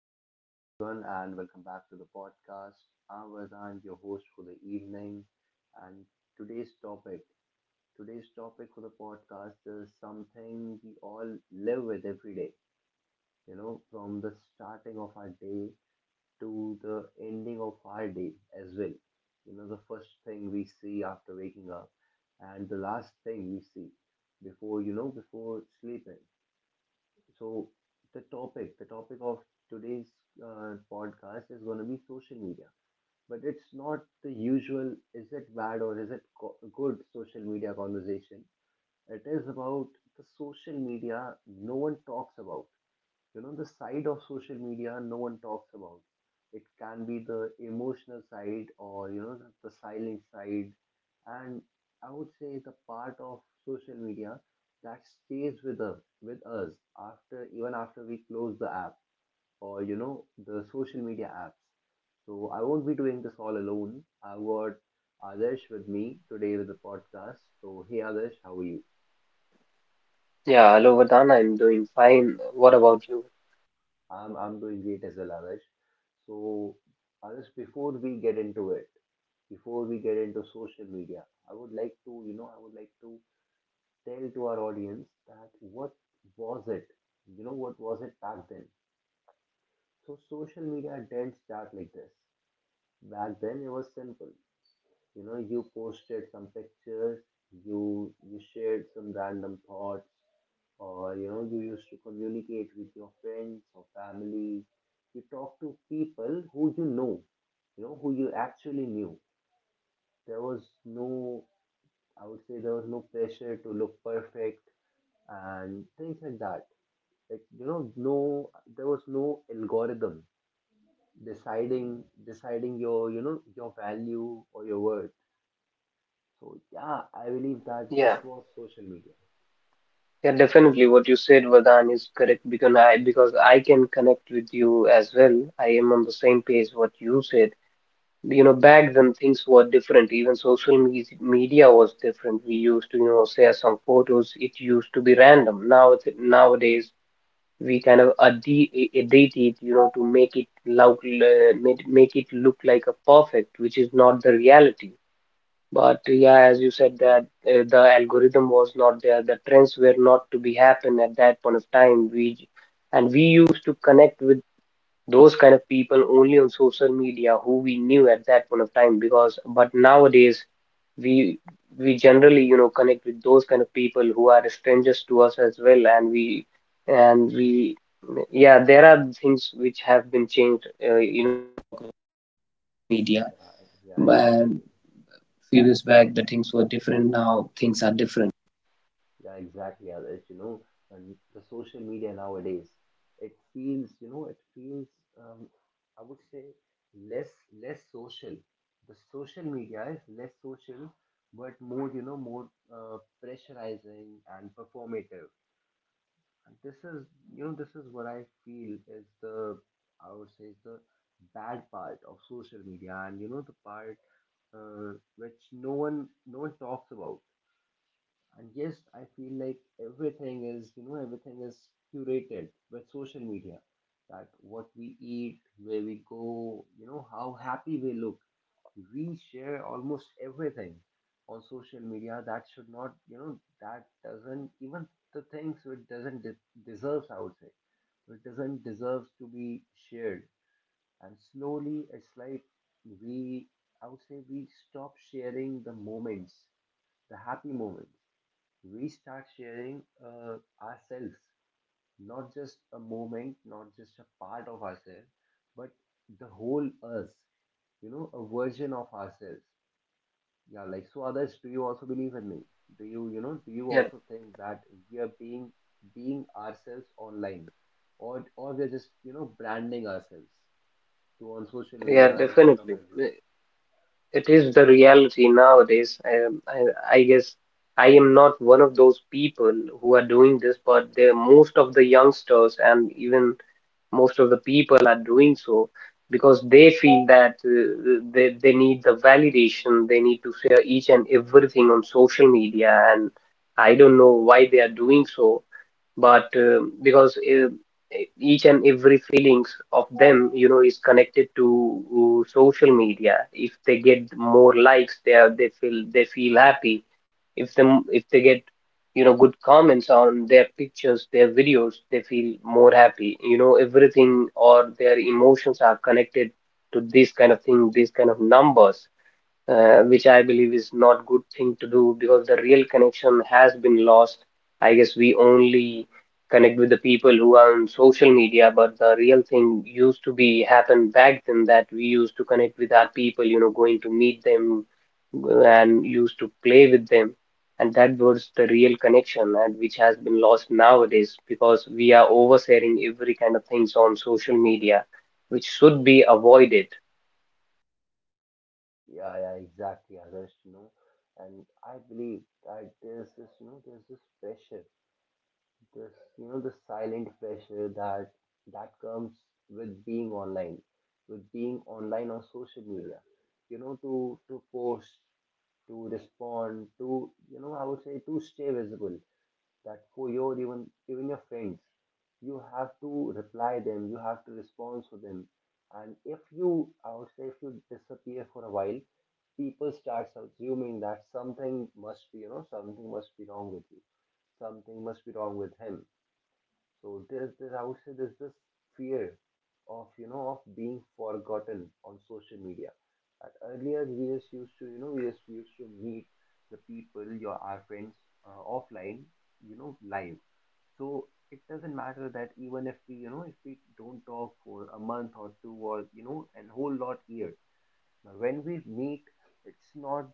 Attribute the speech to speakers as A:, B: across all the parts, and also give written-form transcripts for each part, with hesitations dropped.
A: so hello everyone, and welcome back to the podcast. I'm Vardhan, your host for the evening, and today's topic, today's topic for the podcast is something we all live with every day. You know, from the starting of our day to the ending of our day as well. You know, the first thing we see after waking up, and the last thing we see before you know before sleeping. So the topic of today's podcast is going to be social media, but it's not the usual. Is it bad or is it good? Social media conversation. It is about the social media no one talks about. The side of social media no one talks about. It can be the emotional side, or the silent side, and I would say the part of social media that stays with us, after even after we close the app, or the social media apps. So I won't be doing this all alone. I got Adesh with me today with the podcast. So hey Adesh, how are you?
B: Yeah, hello Vardhan, I'm doing fine. What about you?
A: I'm doing great as well, Adarsh. So, Adarsh, before we get into it, before we get into social media, I would like to, you know, I would like to tell to our audience that what was it? You know, what was it back then? So, social media didn't start like this. Back then it was simple. You know, you posted some pictures, you shared some random thoughts, or you used to communicate with your friends or family. You talked to people who you know, who you actually knew. There was no, I would say, there was no pressure to look perfect and things like that. Like, no, there was no algorithm deciding your value or your worth. So yeah, I believe that
B: Yeah,
A: this was social media.
B: yeah, definitely what you said, Vardhan, is correct because I can connect with you as well. I am on the same page what you said. You know, back then things were different. Even social me media was different. We used to, share some photos. It used to be random. Nowadays we kind of edit it, you know, to make it look make it look like a perfect, which is not the reality. But yeah, as you said that the algorithm was not there, the trends were not to be happen at that point of time. We and we used to connect with those kind of people only on social media who we knew at that point of time because but nowadays we we generally, you know, connect with those kind of people who are strangers to us as well, and we yeah, there are things which have been changed.
A: Yeah, yeah, exactly. Yeah, exactly. As you know, and the social media nowadays, it feels, um, I would say, less less social. The social media is less social, but more, pressurizing and performative. And this is, this is what I feel is the, I would say, is the bad part of social media, and the part which no one talks about. And yes, I feel like everything is curated with social media. That what we eat, where we go, you know how happy we look. We share almost everything on social media. That should not, that doesn't even, the things which doesn't deserves, I would say, which doesn't deserve to be shared. And slowly it's like, we, I would say, we stop sharing the moments, the happy moments. We start sharing ourselves, not just a moment, not just a part of ourselves, but the whole us, you know, a version of ourselves. Yeah, like, so others, do you also believe in me? Do you
B: Yeah,
A: also think that we are being ourselves online, or we're just, branding ourselves to on social
B: yeah,
A: media in front of
B: definitely.
A: everyone?
B: I- It is the reality nowadays. I guess I am not one of those people who are doing this, but the most of the youngsters and even most of the people are doing so because they feel that they need the validation. They need to share each and everything on social media, and I don't know why they are doing so. But because each and every feelings of them, you know, is connected to social media. If they get more likes they feel, they feel happy. If they get, you know, good comments on their pictures, their videos, they feel more happy. You know, everything or their emotions are connected to this kind of thing, these kind of numbers, which I believe is not good thing to do because the real connection has been lost. I guess we only connect with the people who are on social media, but the real thing used to be happened back then, that we used to connect with our people, you know, going to meet them, and used to play with them. And that was the real connection, and which has been lost nowadays because we are oversharing every kind of things on social media, which should be avoided.
A: Yeah, yeah, exactly, Adarsh. And I believe that there's this, there's this pressure, this, the silent pressure that comes with being online, with being online on social media, you know, to post, to respond, I would say, to stay visible, that for your even your friends you have to reply them, you have to respond to them. And if you, I would say, if you disappear for a while, people starts assuming that something must be wrong with you, something must be wrong with him. So there's this, I would say, there's this fear of you know of being forgotten on social media. That earlier we just used to you know we just used to meet the people, your our friends offline, live. So it doesn't matter that even if we you know if we don't talk for a month or two, or and whole lot year. But when we meet, it's not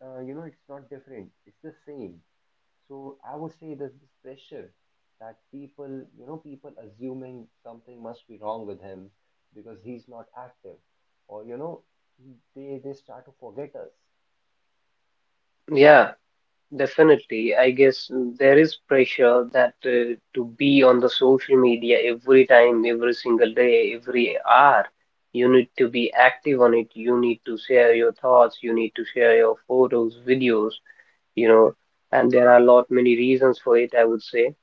A: it's not different. It's the same. So I would say there's this pressure that people assuming something must be wrong with him because he's not active, or they start to forget us.
B: Yeah. Definitely, I guess there is pressure that, to be on the social media every time, every single day, every hour. You need to be active on it. You need to share your thoughts. You need to share your photos, videos, you know, and there are a lot many reasons for it, I would say.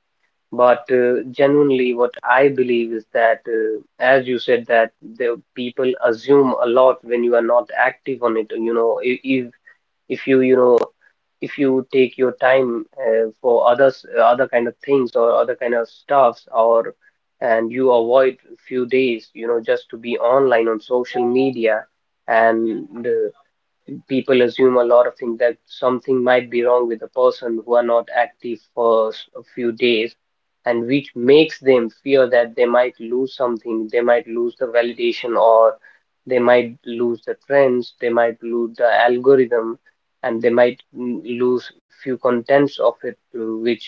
B: But genuinely, what I believe is that, as you said, that the people assume a lot when you are not active on it. You know, if you you know if you take your time for others, other kind of things or other kind of stuffs, or and you avoid few days, you know, just to be online on social media and People assume a lot of things, that something might be wrong with a person who are not active for a few days, and which makes them fear that they might lose something, they might lose the validation, or they might lose the trends, they might lose the algorithm, and they might lose few contents of it,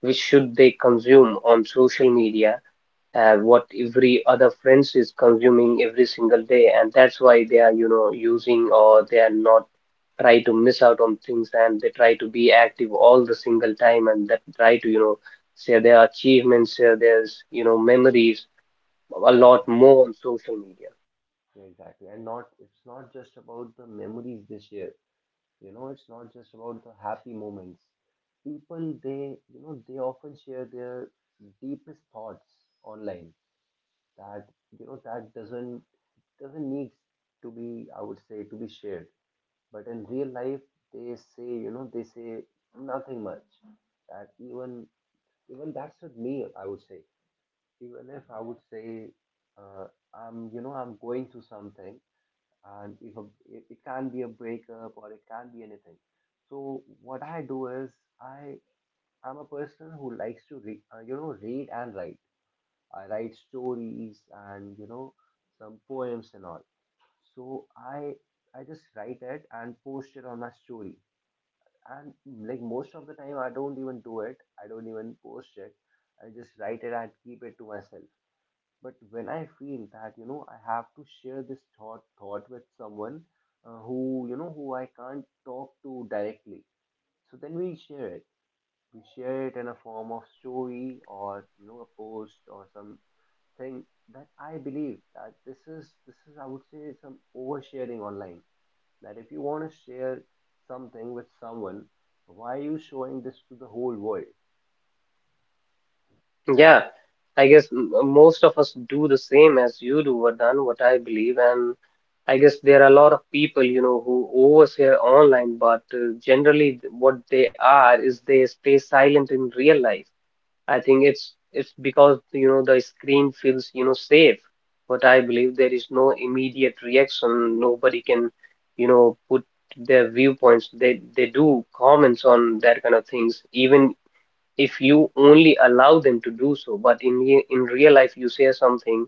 B: which should they consume on social media what every other friends is consuming every single day, and that's why they are, you know, using, or they are not try to miss out on things, and they try to be active all the single time, and that try to, you know, share their achievements, share their, you know, memories a
A: Yeah,
B: lot
A: exactly.
B: more on social media.
A: Yeah, exactly. And not, it's not just about the memories they share. You know, it's not just about the happy moments. People, they you know they often share their deepest thoughts online, that you know that doesn't need to be, I would say, to be shared. But in real life, they say nothing much. That even that's with me, I would say. Even if I would say, uh, I'm, I'm going through something, and if a, it can be a breakup, or it can be anything. So what I do is, I am a person who likes to read, read and write. I write stories and some poems and all. So I just write it and post it on my story, and like, most of the time I don't even do it, I don't even post it, I just write it and keep it to myself. But when I feel that I have to share this thought with someone, who you know who I can't talk to directly, so then we share it, we share it in a form of story, or a post or something. That I believe that this is, I would say, some oversharing online, that if you want to share something with someone, why are you showing this to the whole world?
B: Yeah, I guess most of us do the same as you do, Vardhan, what I believe. And I guess there are a lot of people, you know, who overshare online, but generally what they are is they stay silent in real life. I think it's because, you know, the screen feels, you know, safe. What I believe, there is no immediate reaction. Nobody can, you know, put their viewpoints. They do comments on that kind of things, even if you only allow them to do so. But in real life, you say something,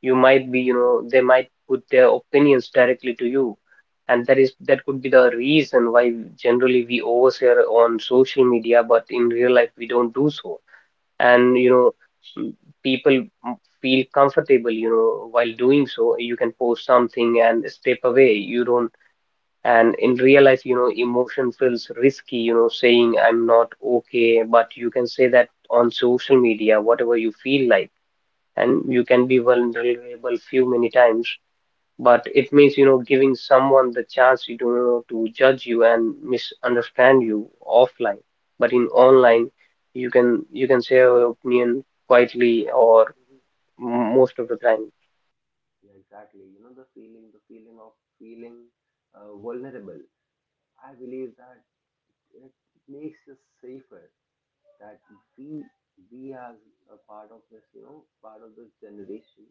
B: you might be, you know, they might put their opinions directly to you, and that is that could be the reason why generally we overshare on social media, but in real life we don't do so. And you know, m- people m- feel comfortable, you know, while doing so. You can post something and step away, you don't. And in real life, you know, emotion feels risky, you know, saying I'm not okay. But you can say that on social media whatever you feel like, and you can be
A: Yeah,
B: vulnerable few many times. But it means, you know, giving someone the chance, you don't know, to judge you and misunderstand you offline. But in online, you can say your opinion quietly, or most of the time.
A: yeah, exactly. You know the feeling of feeling vulnerable. I believe that it makes us safer. That we, we as a part of part of this generation,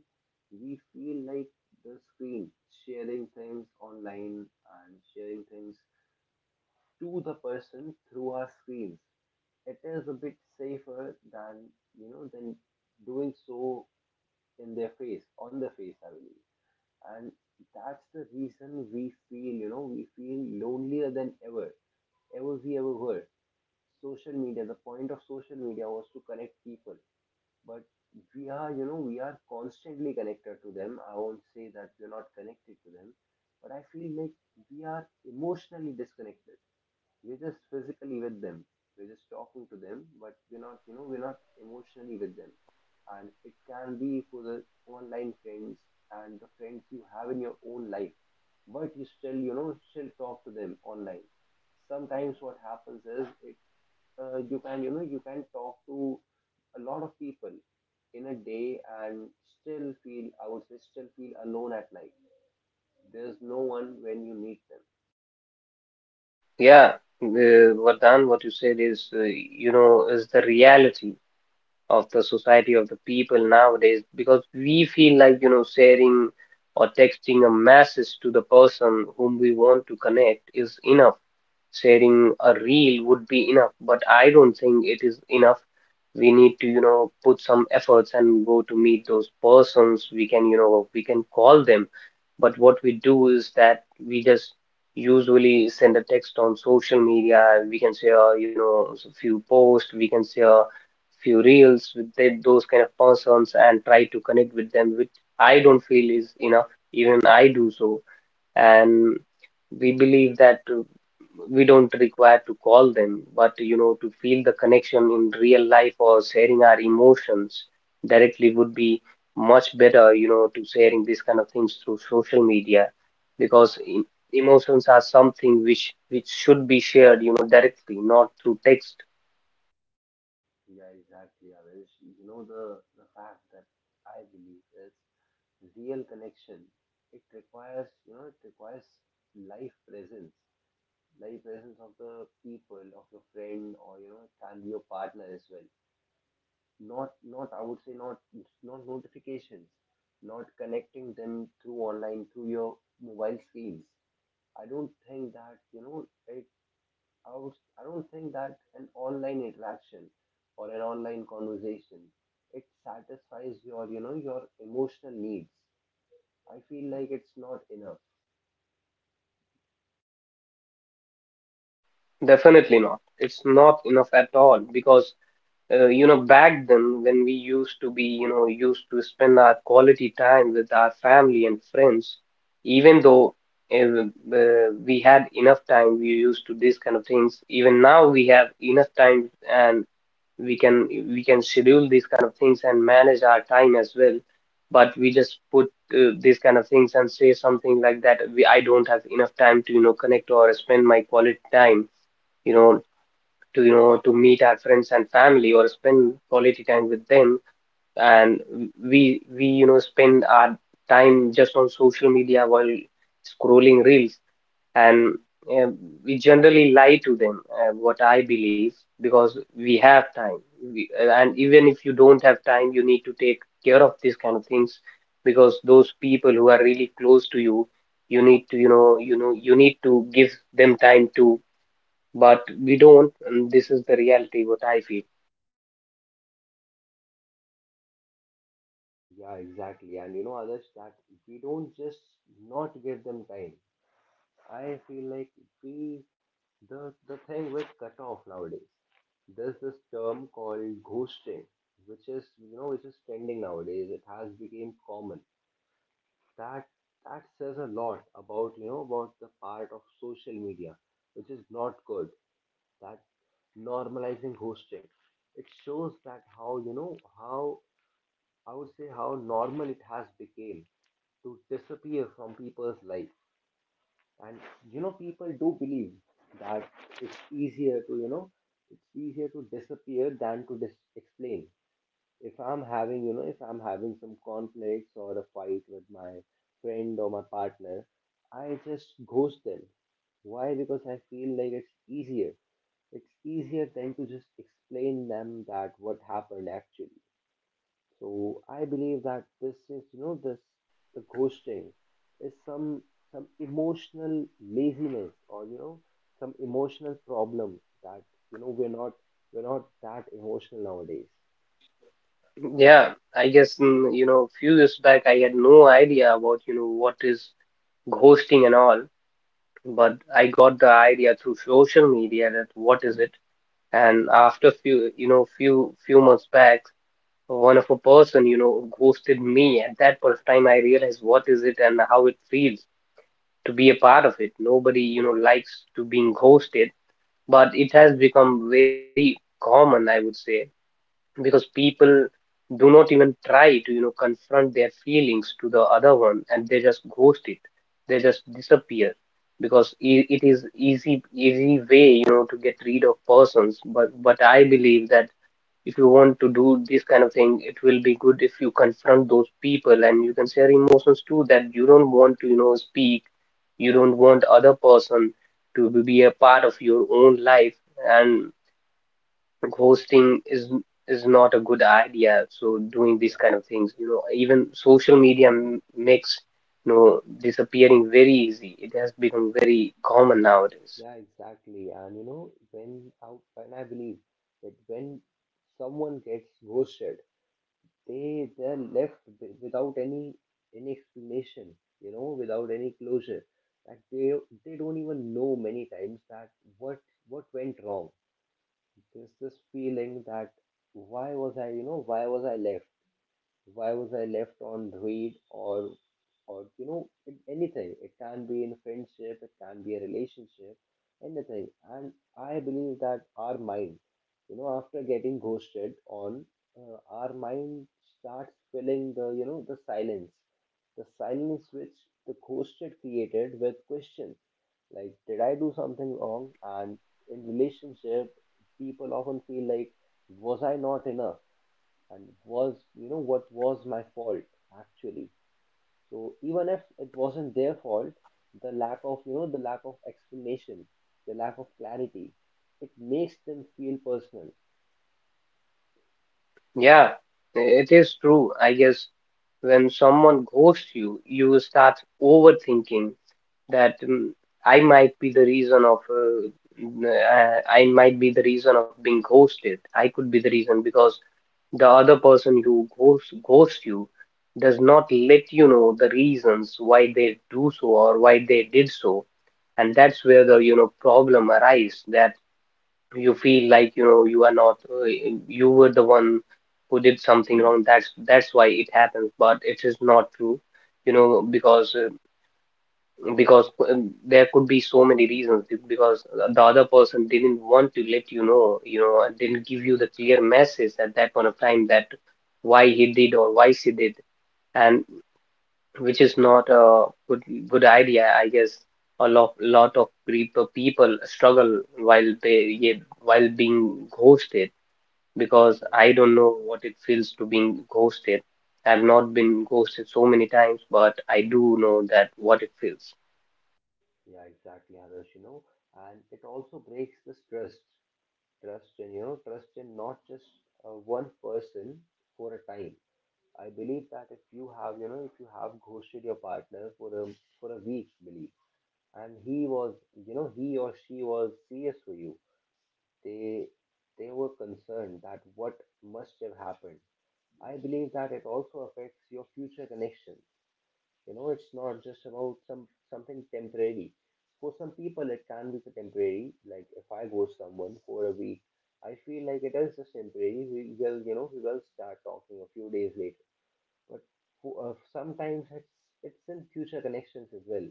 A: we feel like the screen, sharing things online and sharing things to the person through our screens, it is a bit safer than you know than doing so in their face, on their face, I believe. And that's the reason we feel lonelier than ever we ever were. Social media, the point of social media was to connect people, but we are constantly connected to them. I won't say that we're not connected to them, but I feel like we are emotionally disconnected. We're just physically with them. We're just talking to them, but we're not emotionally with them. And it can be for the online friends and the friends you have in your own life, but you still talk to them online. Sometimes what happens is, it you can, you can talk to a lot of people in a day and still feel, I would say, still feel alone at night. There's no one when you need them.
B: Yeah, Vardhan, what you said is, you know, is the reality of the society, of the people nowadays, because we feel like, you know, sharing or texting a message to the person whom we want to connect is enough. Sharing a reel would be enough, but I don't think it is enough. We need to, you know, put some efforts and go to meet those persons. We can, you know, we can call them, but what we do is that we just usually send a text on social media. We can share, you know, a few posts, we can share few reels with those kind of persons and try to connect with them, which I don't feel is enough. Even I do so, and we believe that we don't require to call them, but you know, to feel the connection in real life or sharing our emotions directly would be much better, you know, to sharing these kind of things through social media, because
A: Yeah.
B: emotions are something which should be shared, you know, directly, not through text.
A: Yeah, exactly, Adesh. You know the fact that I believe is real connection. It requires, it requires life presence, life presence of the people, of your friend, or it can be your partner as well. Not, I would say, not, notifications, not connecting them through online, through your mobile screens. I don't think that you know it I would, I don't think that an online interaction or an online conversation, it satisfies your you know your emotional needs. I feel like it's not enough.
B: Definitely not. It's not enough at all because, you know, back then when we used to be, you know, used to spend our quality time with our family and friends, even though uh, we had enough time, we used to these kind of things. Even now we have enough time, and we can schedule these kind of things and manage our time as well. But we just put these kind of things and say something like that I don't have enough time to, you know, connect or spend my quality time, you know, to, you know, to meet our friends and family or spend quality time with them. And we, you know, spend our time just on social media while scrolling reels and uh, we generally lie to them, what I believe because we have time we, and even if you don't have time, you need to take care of these kind of things, because those people who are really close to you, you need to, you know, you need to give them time to. But we don't, and this is the reality what I feel.
A: Yeah, exactly. And you know, others, that we don't just, not give them time. I feel like we, the thing with cutoff nowadays. There's this term called ghosting, which is trending nowadays. It has become common, that that says a lot about, you know, about the part of social media which is not good, that normalizing hosting, it shows that how you know how, I would say, how normal it has become, to disappear from people's life. And people do believe that it's easier to you know it's easier to disappear than to explain. If I'm having, you know, if I'm having some conflicts or a fight with my friend or my partner, I just ghost them. Why? Because I feel like it's easier. It's easier than to just explain them that what happened actually. So I believe that this is, you know, this the ghosting is some emotional laziness, or some emotional problem, that you know we're not we're not that emotional nowadays.
B: Yeah, I guess you know, few years back I had no idea about, you know, what is ghosting and all, but I got the idea through social media that what is it. And after few, you know, few months back, one of a person, you know, ghosted me. At that point of time I realized what is it and how it feels to be a part of it. Nobody, you know, likes to being ghosted, but it has become very common, I would say, because people do not even try to, you know, confront their feelings to the other one, and they just ghost it, they just disappear, because it is easy, easy way, you know, to get rid of persons. But I believe that if you want to do this kind of thing, it will be good if you confront those people, and you can share emotions too, that you don't want to, you know, speak, you don't want other person to be a part of your own life. And. But hosting is not a good idea. So doing these kind
A: Yeah.
B: of things, you know, even social media makes, you know, disappearing very easy. It has become very common nowadays.
A: Yeah, exactly. And you know, when I believe that when someone gets ghosted, they're left without any explanation, you know, without any closure. Like they don't even know many times that what what went wrong. There's this feeling that why was I, you know, why was I left? Why was I left on read or you know in anything, it can be in friendship, it can be a relationship, anything. And I believe that our mind, you know, after getting ghosted on, our mind starts filling the, you know, the silence, the silence which the ghosted created with questions like did I do something wrong. And in relationship, people often feel like was I not enough, and was, you know, what was my fault actually. So even if it wasn't their fault, the lack of, you know, the lack of explanation, the lack of clarity, it makes them feel personal.
B: Yeah, it is true. I guess when someone ghosts you, you start overthinking that I might be the reason of, n- I might be the reason of being ghosted. I could be the reason because the other person who ghosts you does not let you know the reasons why they do so or why they did so. And that's where the, problem arises that you feel like, you are not, you were the one who did something wrong. That's why it happens, but it is not true, you know, because uh, because there could be so many reasons because the other person didn't want to let you know, you know, and didn't give you the clear message at that point of time that why he did or why she did, and which is not a good idea, I guess. A lot of people struggle while they, yeah, while being ghosted, because I
A: Yeah,
B: don't know what it feels to being ghosted. I've not been ghosted so many times, but I do know that what it feels.
A: yeah, exactly, others, you know. And it also breaks this trust, trust in, you know, trust in not just uh, one person for a time. I believe that if you have, you know, if you have ghosted your partner for a week, believe, and he was, you know, he or she was serious for you, they they were concerned that what must have happened. I believe that it also affects your future connection. You know, it's not just about some something temporary. For some people it can be temporary, like if I go someone for a week, I feel like it is just temporary, we will, you know, we will start talking a few days later. But for, sometimes it's in future connections as well.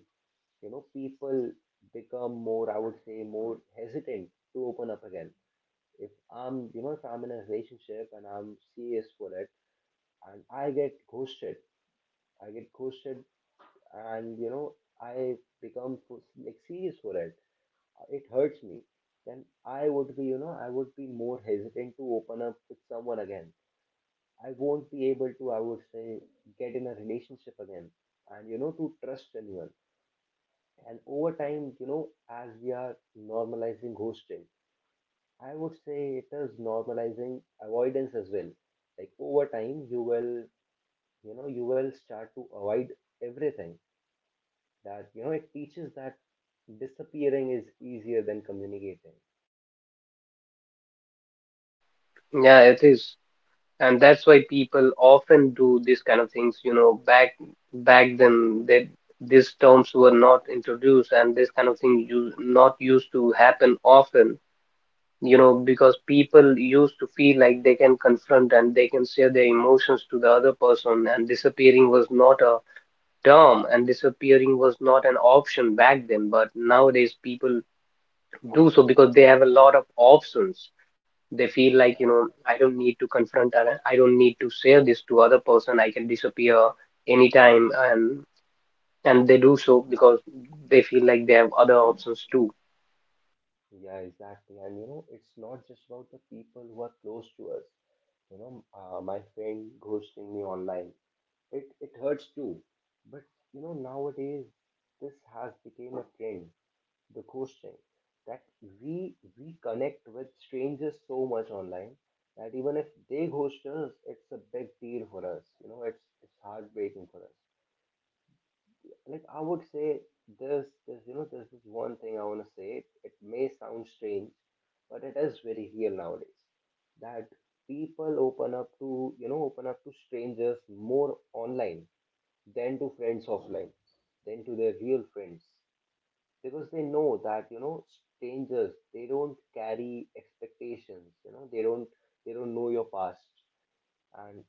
A: You know, people become more, I would say more hesitant to open up again. If I'm, you know, if I'm in a relationship and I'm serious for it, and I get ghosted, I get ghosted, and you know, I become like serious for it, it hurts me, then I would be, you know, I would be more hesitant to open up with someone again. I won't be able to, I would say, get in a relationship again, and you know, to trust anyone. And over time, you know, as we are normalizing ghosting, I would say it is normalizing avoidance as well. Like over time, you will, you know, you will start to avoid everything. That, you know, it teaches that disappearing is easier than communicating.
B: Yeah, it is. And that's why people often do these kind of things, you know. Back then, that these terms were not introduced and this kind of thing you not used to happen often, you know, because people used to feel like they can confront and they can share their emotions to the other person, and disappearing was not a term, and disappearing was not an option back then. But nowadays people do so because they have a lot of options. They feel like,
A: Yeah,
B: you know, I don't need to confront and I don't need to say this to other person, I can disappear anytime. And they do so because they feel like they have other options too.
A: yeah, exactly. And, you know, it's not just about the people who are close to us. You know, my friend ghosting me online, it hurts too. But, you know, nowadays, this has become a trend, the ghosting, that we we connect with strangers so much online that even if they ghost us, it's a big deal for us. You know, it's heartbreaking for us. Like I would say, there's you know there's this one thing I want to say. It may sound strange, but it is very real nowadays. That people open up to, you know, open up to strangers more online, than to friends offline, than to their real friends, because they know that, you know, strangers, they don't carry expectations, you know, they don't know your past. And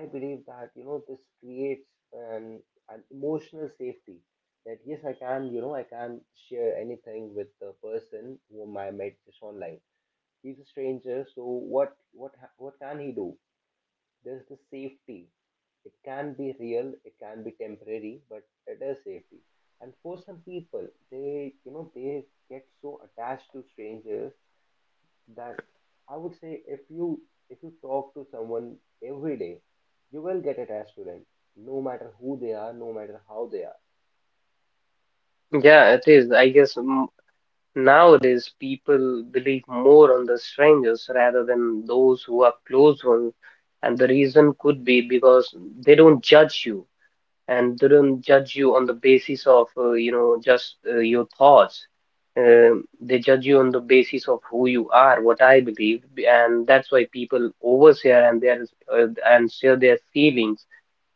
A: I believe that, you know, this creates an emotional safety. That yes, I can, you know, I can share anything with the person whom I met just online. He's a stranger, so what can he do? There's the safety. It can be real, it can be temporary, but it is safety. And for some people, they you know they get so attached to strangers that I would say if you talk to someone every day, you will get attached to them, no matter who they are, no matter how they are.
B: Yeah, it is, I guess. Nowadays people believe more on the strangers rather than those who are close ones, and the reason could be because they don't judge you, and they don't judge you on the basis of, you know, just your thoughts. They judge you on the basis of who you are, what I believe, and that's why people overshare and their and share their feelings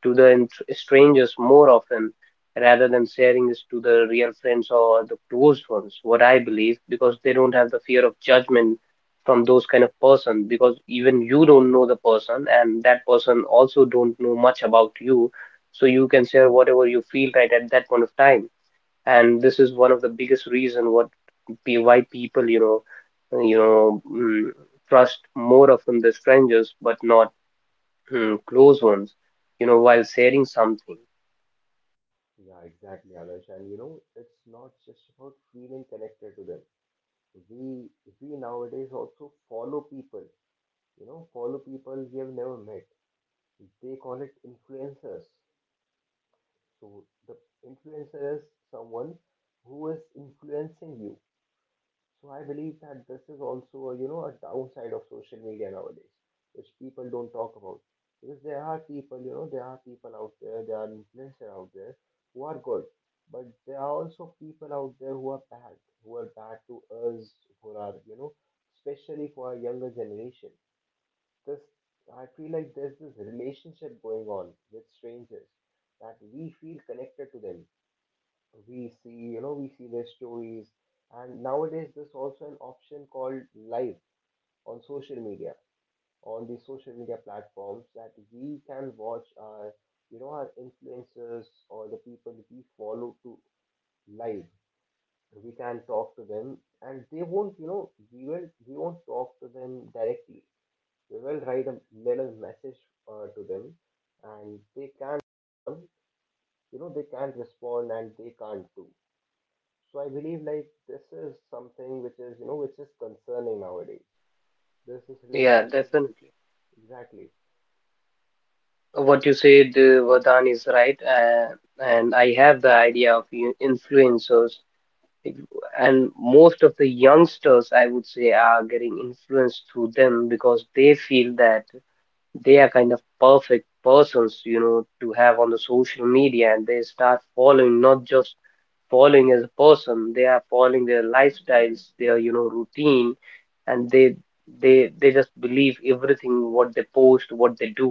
B: to the strangers more often, rather than sharing this to the real friends or the closed ones, what I believe, because they don't have the fear of judgment from those kind of person, because even you don't know the person and that person also don't know much about you, so you can share whatever you feel right at that point of time. And this is one of the biggest reason what why people, you know, trust more often the strangers but not, hmm, close ones, you know, while sharing something.
A: Yeah, exactly, Adarsh. And you know, it's not just about feeling connected to them. We we nowadays also follow people, you know, follow people we have never met. They call it influencers. So the influencer is someone who is influencing you. So I believe that this is also a, you know, a downside of social media nowadays, which people don't talk about. Because there are people, you know, there are people out there, there are influencers out there who are good, but there are also people out there who are bad to us, who are, you know, especially for our younger generation, this, I feel like there's this relationship going on with strangers that we feel connected to them. We see, you know, we see their stories, and nowadays there's also an option called live on social media, on the social media platforms, that we can watch our, you know, our influencers or the people we follow to live. We can talk to them, and they won't, you know, we won't talk to them directly. We will write a little message to them and they can respond. You know, they can't respond and they can't do. So I believe like this is something which is, you know, which is concerning nowadays. This is
B: Yeah,
A: relationship,
B: definitely.
A: exactly.
B: What you said, Vardhan, is right. And I have the idea of influencers. And most of the youngsters, I would say, are getting influenced through them, because they feel that they are kind of perfect persons, you know, to have on the social media. And they start following, not just following as a person, they are following their lifestyles, their, you know, routine. And they just believe everything what they post, what they do.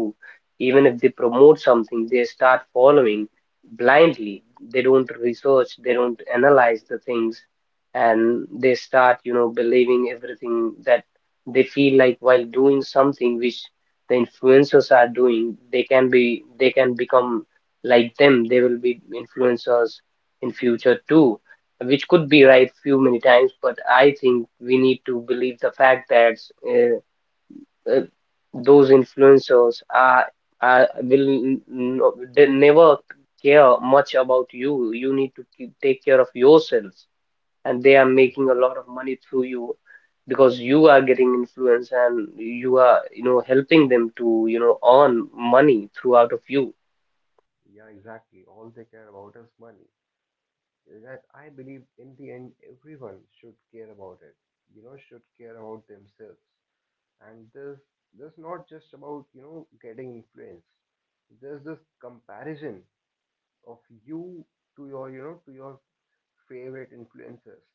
B: Even if they promote something, they start following blindly. They don't research, they don't analyze the things, and they start, you know, believing everything. That they feel like while doing something which the influencers are doing, they can be, they can become like them, they will be influencers in future too, which could be right few many times. But I think we need to believe the fact that, uh, uh, those influencers are will n- n- no, they never care much about you. You need to keep, take care of yourselves, and they are
A: Yeah,
B: making a
A: exactly.
B: lot of money through you, because you are getting influence and you are, you know, helping them to, you know, earn money throughout of you.
A: Yeah, exactly, all they care about is money. That I believe in the end everyone should care about it, you know, should care about themselves. And this not just about, you know, getting influence. There's this comparison of you to your, you know, to your favorite influencers,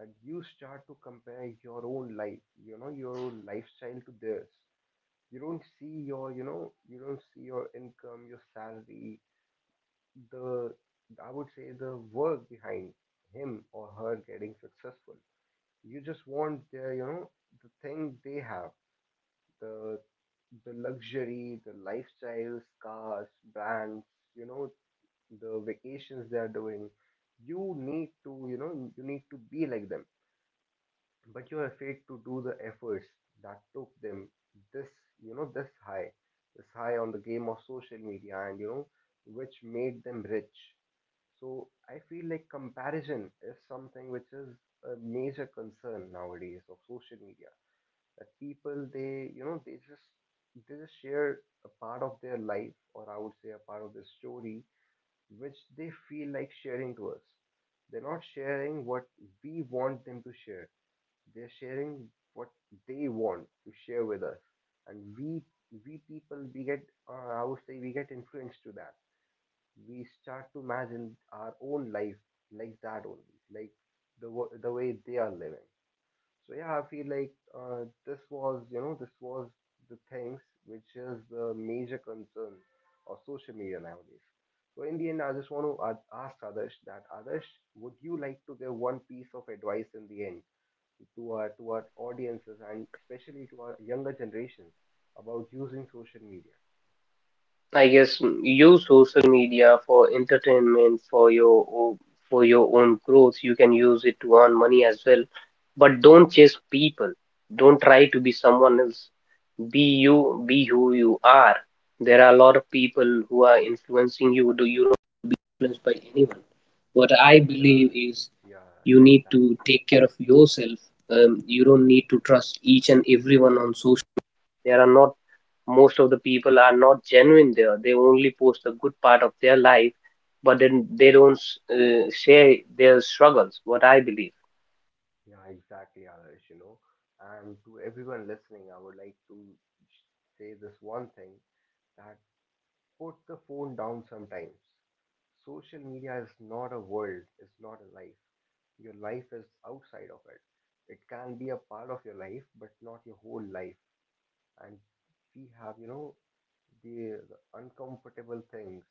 A: and you start to compare your own life, you know, your own lifestyle to theirs. You don't see your, you know, you don't see your income, your salary, the, I would say, the work behind him or her getting successful. You just want their, you know, the thing they have, the the luxury, the lifestyles, cars, brands, you know, the vacations they are doing. You need to, you know, you need to be like them, but you're afraid to do the efforts that took them this, you know, this high, this high on the game of social media, and you know, which made them rich. So I feel like comparison is something which is a major concern nowadays of social media. That people, they, you know, they just share a part of their life, or I would say a part of their story, which they feel like sharing to us. They're not sharing what we want them to share. They're sharing what they want to share with us, and we people we get, I would say we get influenced to that. We start to imagine our own life like that only, like the the way they are living. So yeah, I feel like this was, you know, this was the things which is the major concern of social media nowadays. So in the end, I just want to ask Adarsh that, Adarsh, would you like to give one piece of advice in the end to our audiences and especially to our younger generation about using social media?
B: I guess, use social media for entertainment, for your for your own growth. You can use it to earn money as well, but don't chase people. Don't try to be someone else. Be you. Be who you are. There are a lot of people who are influencers.
A: Yeah, yeah, yeah, exactly.
B: Are not genuine there. They only post a good part of their life, but then they don't, share their struggles, what I believe.
A: Yeah, exactly, Adarsh, you know. And to everyone listening, I would like to say this one thing, that put the phone down sometimes. Social media is not a world, it's not a life. Your life is outside of it. It can be a part of your life, but not your whole life. And we have, you know, the uncomfortable things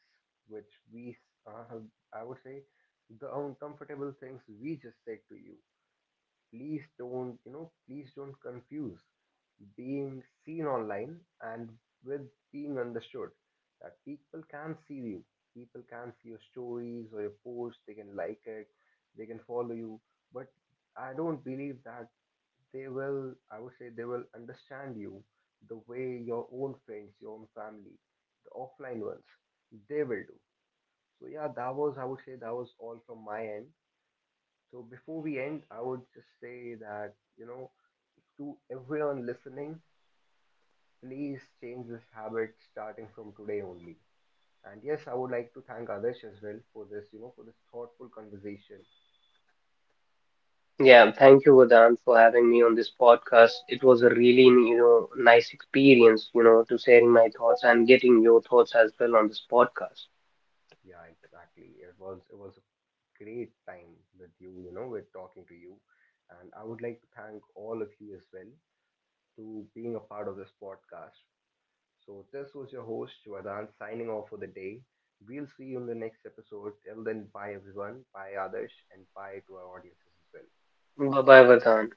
A: which we, I would say, the uncomfortable things we just said to you. Please don't, you know, please don't confuse being seen online and with being understood. That people can see you, people can see your stories or your posts, they can like it, they can follow you, but I don't believe that they will, I would say they will understand you the way your own friends, your own family, the offline ones, they will do. So yeah, that was, I would say that was all from my end. So before we end, I would just say that, you know, to everyone listening, please change this habit starting from today only. And yes, I would like to thank Adesh as well for this, you know, for this thoughtful conversation.
B: Yeah, thank you, Vadan, for having me on this podcast. It was a really, you know, nice experience, you know, to sharing my thoughts and getting your thoughts as well on this podcast.
A: Yeah, exactly. It was a great time with you, you know, with talking to you. And I would like to thank all of you as well to being a part of this podcast. So this was your host, Vadan, signing off for the day. We'll see you in the next episode. Till then, bye everyone, bye Adesh, and bye to our audiences as well.
B: Bye bye, Vadan.